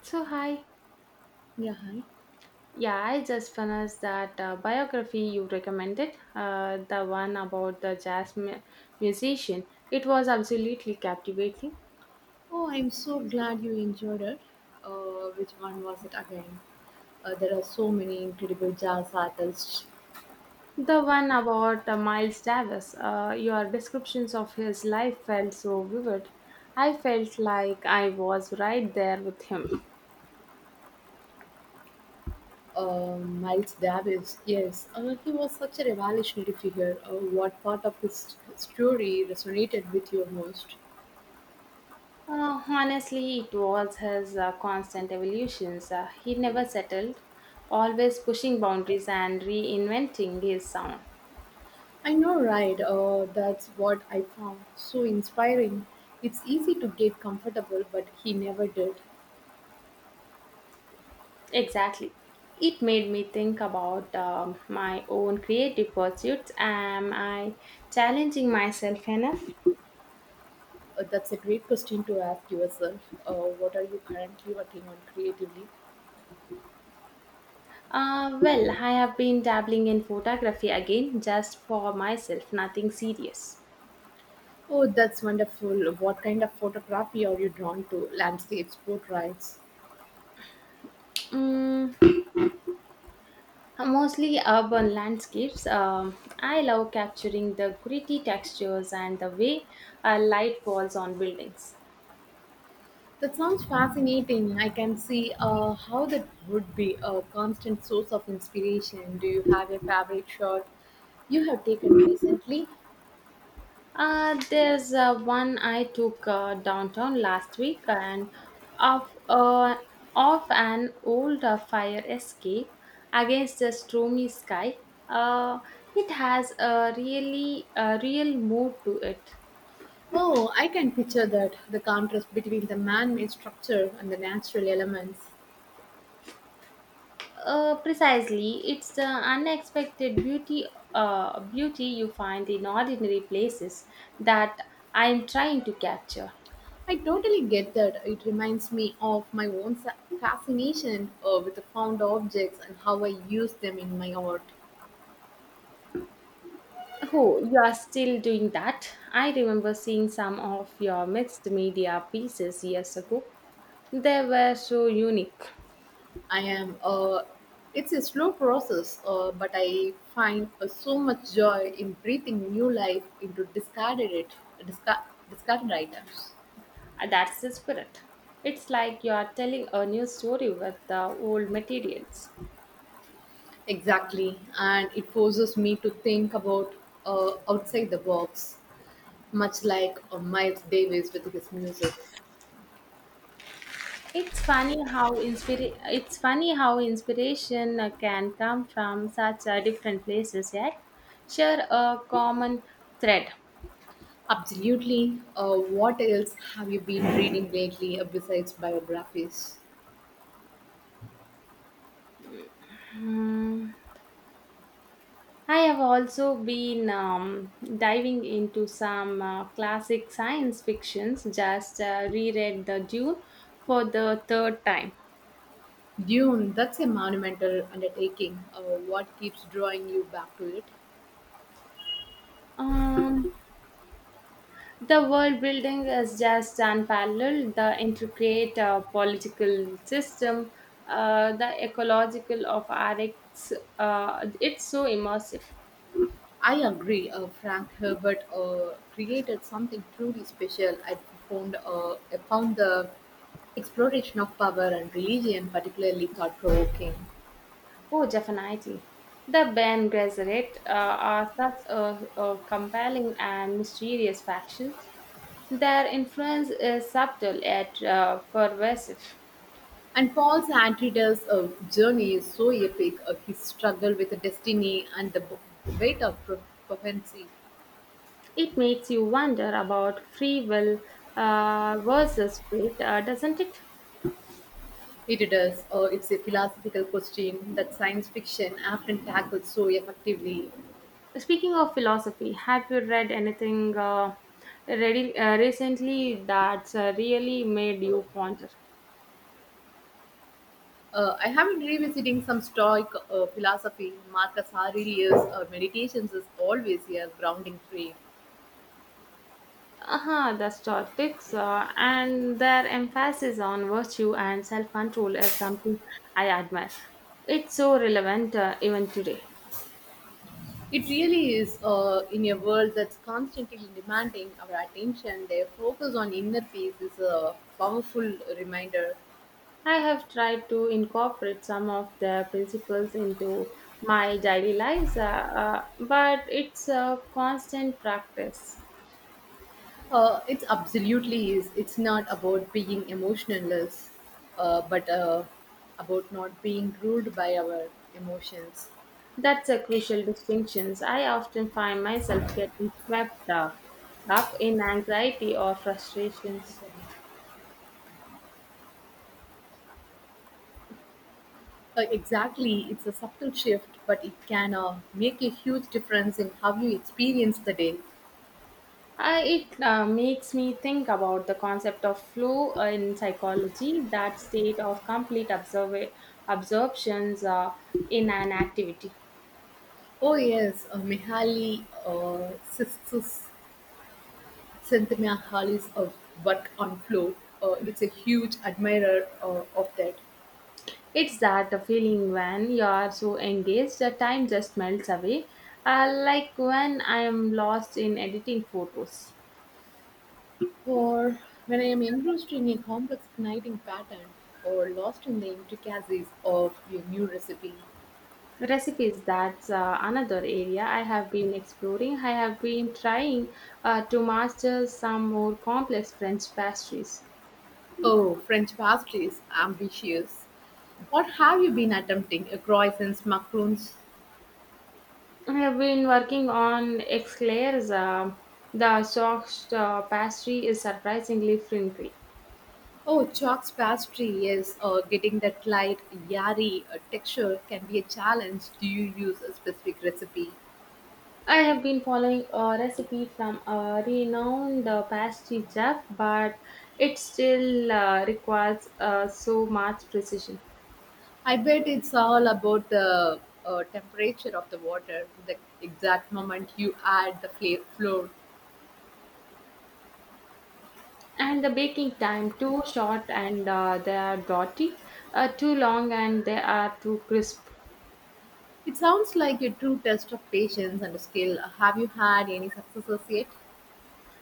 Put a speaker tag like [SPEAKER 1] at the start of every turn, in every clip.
[SPEAKER 1] So, hi.
[SPEAKER 2] Yeah, hi.
[SPEAKER 1] Yeah, I just finished that biography you recommended, the one about the musician. It was absolutely captivating.
[SPEAKER 2] Oh, I'm so glad you enjoyed it. Which one was it again? There are so many incredible jazz artists.
[SPEAKER 1] The one about Miles Davis, your descriptions of his life felt so vivid. I felt like I was right there with him.
[SPEAKER 2] Miles Davis, yes, he was such a revolutionary figure. What part of his story resonated with you most?
[SPEAKER 1] Honestly, it was his constant evolutions. He never settled, always pushing boundaries and reinventing his sound.
[SPEAKER 2] I know, right? That's what I found so inspiring. It's easy to get comfortable, but he never did.
[SPEAKER 1] Exactly. It made me think about my own creative pursuits. Am I challenging myself enough?
[SPEAKER 2] That's a great question to ask yourself. What are you currently working on creatively?
[SPEAKER 1] Well, I have been dabbling in photography again, just for myself, nothing serious.
[SPEAKER 2] Oh, that's wonderful. What kind of photography are you drawn to? Landscapes, portraits?
[SPEAKER 1] Mm, mostly urban landscapes. I love capturing the gritty textures and the way light falls on buildings.
[SPEAKER 2] That sounds fascinating. I can see how that would be a constant source of inspiration. Do you have a favorite shot you have taken recently?
[SPEAKER 1] There's one I took downtown last week and off, uh, off an old fire escape against a stormy sky. Uh, it has a real mood to it.
[SPEAKER 2] Oh, I can picture that the contrast between the man made structure and the natural elements.
[SPEAKER 1] Precisely, it's the unexpected beauty you find in ordinary places that I'm trying to capture.
[SPEAKER 2] I totally get that. It reminds me of my own fascination with the found objects and how I use them in my art.
[SPEAKER 1] Oh, you are still doing that? I remember seeing some of your mixed media pieces years ago. They were so unique.
[SPEAKER 2] I am. It's a slow process, but I find so much joy in breathing new life into discard, discarded items.
[SPEAKER 1] That's the spirit. It's like you are telling a new story with the old materials.
[SPEAKER 2] Exactly, and it forces me to think about outside the box, much like Miles Davis with his music.
[SPEAKER 1] It's funny how inspiration can come from such different places yet share a common thread.
[SPEAKER 2] Absolutely. What else have you been reading lately besides biographies?
[SPEAKER 1] Hmm. I have also been diving into some classic science fictions, just reread The Dune for the third time.
[SPEAKER 2] Dune, that's a monumental undertaking. What keeps drawing you back to it?
[SPEAKER 1] Um, the world building is just unparalleled, the intricate political system, the ecological of RX, it's so immersive.
[SPEAKER 2] I agree. Frank Herbert created something truly special. I found the exploration of power and religion particularly thought provoking.
[SPEAKER 1] Oh, definitely. The Ben Gesserit are such a compelling and mysterious factions. Their influence is subtle yet pervasive.
[SPEAKER 2] And Paul's Antidote's journey is so epic. His struggle with the destiny and the weight of prophecy.
[SPEAKER 1] It makes you wonder about free will versus fate, doesn't it?
[SPEAKER 2] It does. It's a philosophical question that science fiction often tackles so effectively.
[SPEAKER 1] Speaking of philosophy, have you read anything recently that's really made you ponder?
[SPEAKER 2] I have been revisiting some Stoic philosophy. Marcus Aurelius' meditations is always a grounding frame.
[SPEAKER 1] Uh-huh, the Stoics and their emphasis on virtue and self control is something I admire. It's so relevant even today.
[SPEAKER 2] It really is in a world that's constantly demanding our attention. Their focus on inner peace is a powerful reminder.
[SPEAKER 1] I have tried to incorporate some of the principles into my daily lives, but it's a constant practice.
[SPEAKER 2] It absolutely is. It's not about being emotionless, but about not being ruled by our emotions.
[SPEAKER 1] That's a crucial distinction. I often find myself getting up in anxiety or frustrations.
[SPEAKER 2] Exactly, it's a subtle shift, but it can make a huge difference in how you experience the day.
[SPEAKER 1] It makes me think about the concept of flow in psychology, that state of absorptions in an activity.
[SPEAKER 2] Oh yes, Mihaly Sisters, Csikszentmihalyi's work on flow. It's a huge admirer of that.
[SPEAKER 1] It's that feeling when you are so engaged that time just melts away. Like when I am lost in editing photos.
[SPEAKER 2] Or when I am engrossed in a complex knitting pattern, or lost in the intricacies of a new recipe.
[SPEAKER 1] Recipes, that's another area I have been exploring. I have been trying to master some more complex French pastries.
[SPEAKER 2] Oh, French pastries, ambitious. What have you been attempting? Croissants, macarons.
[SPEAKER 1] I have been working on eclairs. The soft pastry is surprisingly finicky.
[SPEAKER 2] Oh, Chalk's pastry, yes. Getting that light, yari texture can be a challenge. Do you use a specific recipe?
[SPEAKER 1] I have been following a recipe from a renowned pastry chef, but it still requires so much precision.
[SPEAKER 2] I bet it's all about the temperature of the water, the exact moment you add the flour.
[SPEAKER 1] And the baking time too short, and they are dotty, too long, and they are too crisp.
[SPEAKER 2] It sounds like a true test of patience and skill. Have you had any successes yet?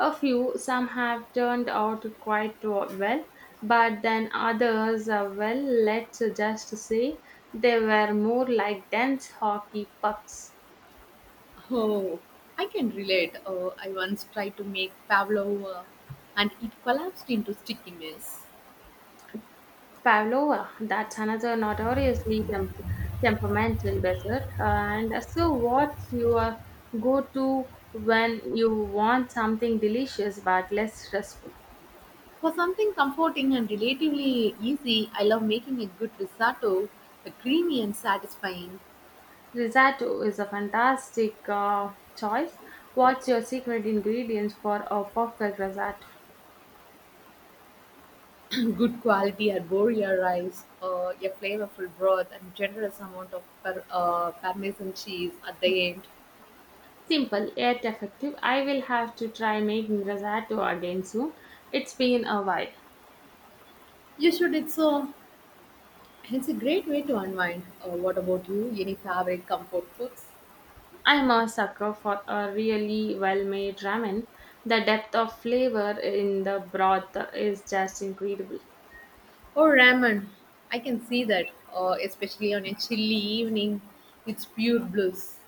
[SPEAKER 1] A few, some have turned out quite well, but then others, well, let's just say they were more like dense hockey pucks.
[SPEAKER 2] Oh, I can relate. I once tried to make pavlova, and it collapsed into sticky mess.
[SPEAKER 1] Pavlova, that's another temperamental dessert. And so, what's your go to when you want something delicious but less stressful?
[SPEAKER 2] For something comforting and relatively easy, I love making a good risotto, a creamy and satisfying,
[SPEAKER 1] Risotto is a fantastic choice. What's your secret ingredients for a perfect risotto?
[SPEAKER 2] good quality arborea rice, a flavorful broth, and generous amount of parmesan cheese at the end.
[SPEAKER 1] Simple yet effective. I will have to try making risotto again soon. It's been a while.
[SPEAKER 2] You should. It's a great way to unwind. What about you? Any favorite comfort foods?
[SPEAKER 1] I'm a sucker for a really well made ramen. The depth of flavor in the broth is just incredible.
[SPEAKER 2] Oh, ramen. I can see that, especially on a chilly evening. It's pure bliss.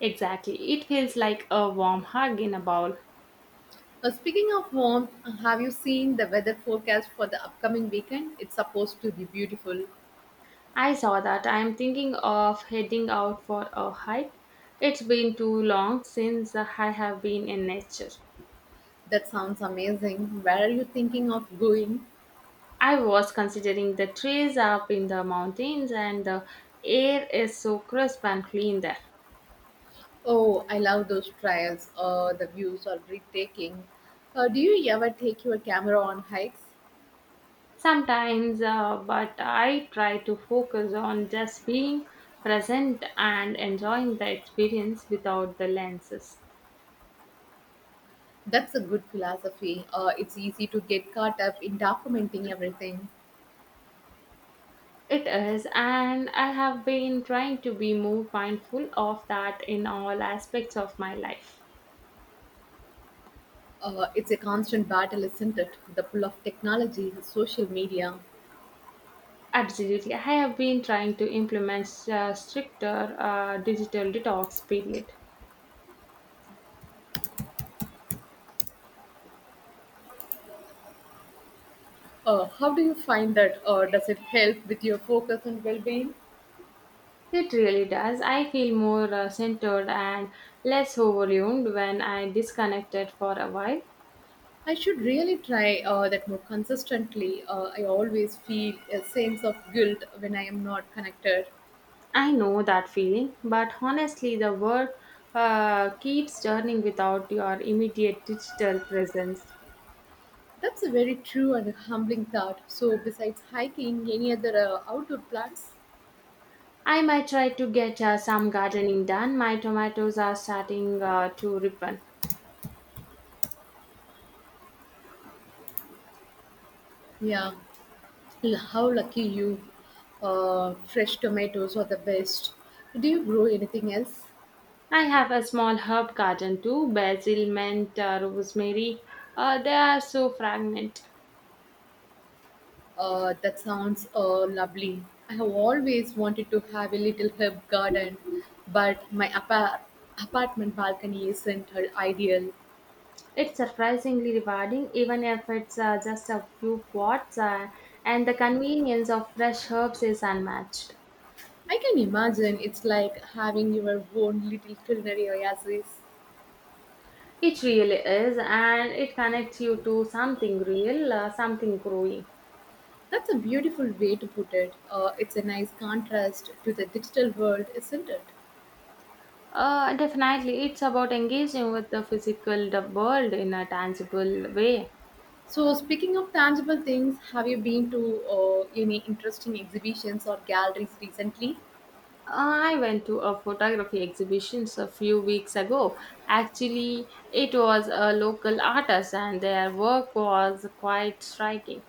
[SPEAKER 1] Exactly. It feels like a warm hug in a bowl.
[SPEAKER 2] Speaking of warmth, have you seen the weather forecast for the upcoming weekend? It's supposed to be beautiful.
[SPEAKER 1] I saw that. I'm thinking of heading out for a hike. It's been too long since I have been in nature.
[SPEAKER 2] That sounds amazing. Where are you thinking of going?
[SPEAKER 1] I was considering the trees up in the mountains and the air is so crisp and clean there.
[SPEAKER 2] Oh, I love those trails. The views are breathtaking. Do you ever take your camera on hikes?
[SPEAKER 1] Sometimes, but I try to focus on just being present and enjoying the experience without the lenses.
[SPEAKER 2] That's a good philosophy. It's easy to get caught up in documenting everything.
[SPEAKER 1] It is, and I have been trying to be more mindful of that in all aspects of my life.
[SPEAKER 2] It's a constant battle, isn't it? The pull of technology, social media.
[SPEAKER 1] Absolutely, I have been trying to implement stricter digital detox period.
[SPEAKER 2] How do you find that? Does it help with your focus and well being?
[SPEAKER 1] It really does. I feel more centered and less overwhelmed when I disconnected for a while.
[SPEAKER 2] I should really try that more consistently. I always feel a sense of guilt when I am not connected.
[SPEAKER 1] I know that feeling, but honestly, the world keeps turning without your immediate digital presence.
[SPEAKER 2] That's a very true and humbling thought. So, besides hiking, any other outdoor plants?
[SPEAKER 1] I might try to get some gardening done. My tomatoes are starting to ripen.
[SPEAKER 2] Yeah, how lucky you. Fresh tomatoes are the best. Do you grow anything else?
[SPEAKER 1] I have a small herb garden too basil, mint, rosemary. They are so fragrant.
[SPEAKER 2] That sounds lovely. I have always wanted to have a little herb garden, but my apartment balcony isn't ideal.
[SPEAKER 1] It's surprisingly rewarding, even if it's just a few pots, and the convenience of fresh herbs is unmatched.
[SPEAKER 2] I can imagine it's like having your own little culinary oasis.
[SPEAKER 1] It really is, and it connects you to something real, something growing.
[SPEAKER 2] That's a beautiful way to put it. It's a nice contrast to the digital world, isn't it?
[SPEAKER 1] Definitely, it's about engaging with the physical the world in a tangible way.
[SPEAKER 2] So, speaking of tangible things, have you been to any interesting exhibitions or galleries recently?
[SPEAKER 1] I went to a photography exhibition a few weeks ago. Actually, it was a local artist, and their work was quite striking.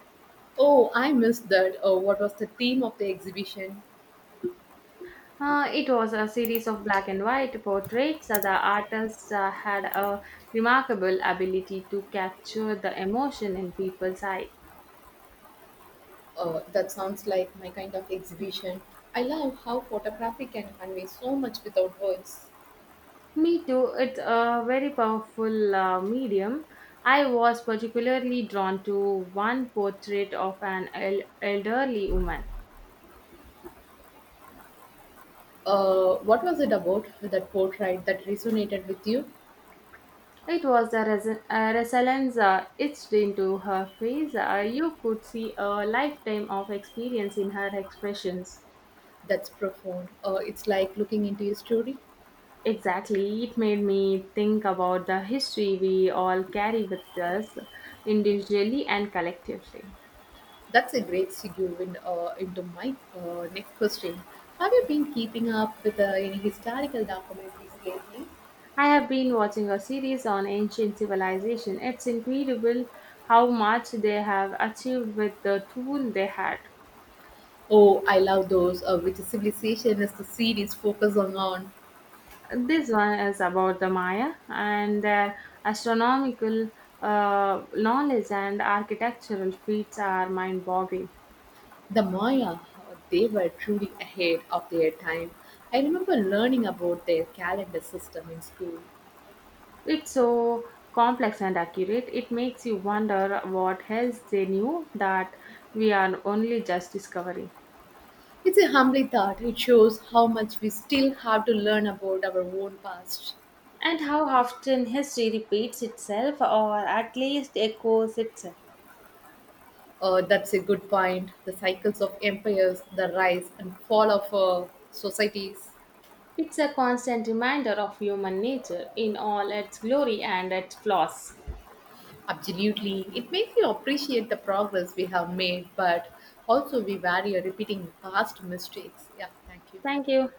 [SPEAKER 2] Oh, I missed that. What was the theme of the exhibition?
[SPEAKER 1] It was a series of black and white portraits. The artist had a remarkable ability to capture the emotion in people's eyes.
[SPEAKER 2] That sounds like my kind of exhibition. I love how photography can convey so much without words.
[SPEAKER 1] Me too. It's a very powerful medium. I was particularly drawn to one portrait of an elderly woman.
[SPEAKER 2] What was it about that portrait that resonated with you?
[SPEAKER 1] It was the resilience etched into her face. You could see a lifetime of experience in her expressions.
[SPEAKER 2] That's profound. It's like looking into a story.
[SPEAKER 1] Exactly. It made me think about the history we all carry with us individually and collectively.
[SPEAKER 2] That's a great segue into my next question. Have you been keeping up with any historical documentaries lately?
[SPEAKER 1] I have been watching a series on ancient civilization. It's incredible how much they have achieved with the tool they had.
[SPEAKER 2] Oh, I love those. Which civilization is the series focus on?
[SPEAKER 1] This one is about the Maya and their astronomical knowledge and architectural feats are mind-boggling.
[SPEAKER 2] The Maya, they were truly ahead of their time. I remember learning about their calendar system in school.
[SPEAKER 1] It's so complex and accurate. It makes you wonder what else they knew that we are only just discovering.
[SPEAKER 2] It's a humbling thought. It shows how much we still have to learn about our own past.
[SPEAKER 1] And how often history repeats itself or at least echoes itself.
[SPEAKER 2] That's a good point. The cycles of empires, the rise and fall of societies.
[SPEAKER 1] It's a constant reminder of human nature in all its glory and its flaws.
[SPEAKER 2] Absolutely. It makes you appreciate the progress we have made, but also we value repeating past mistakes. Yeah, thank you.
[SPEAKER 1] Thank you.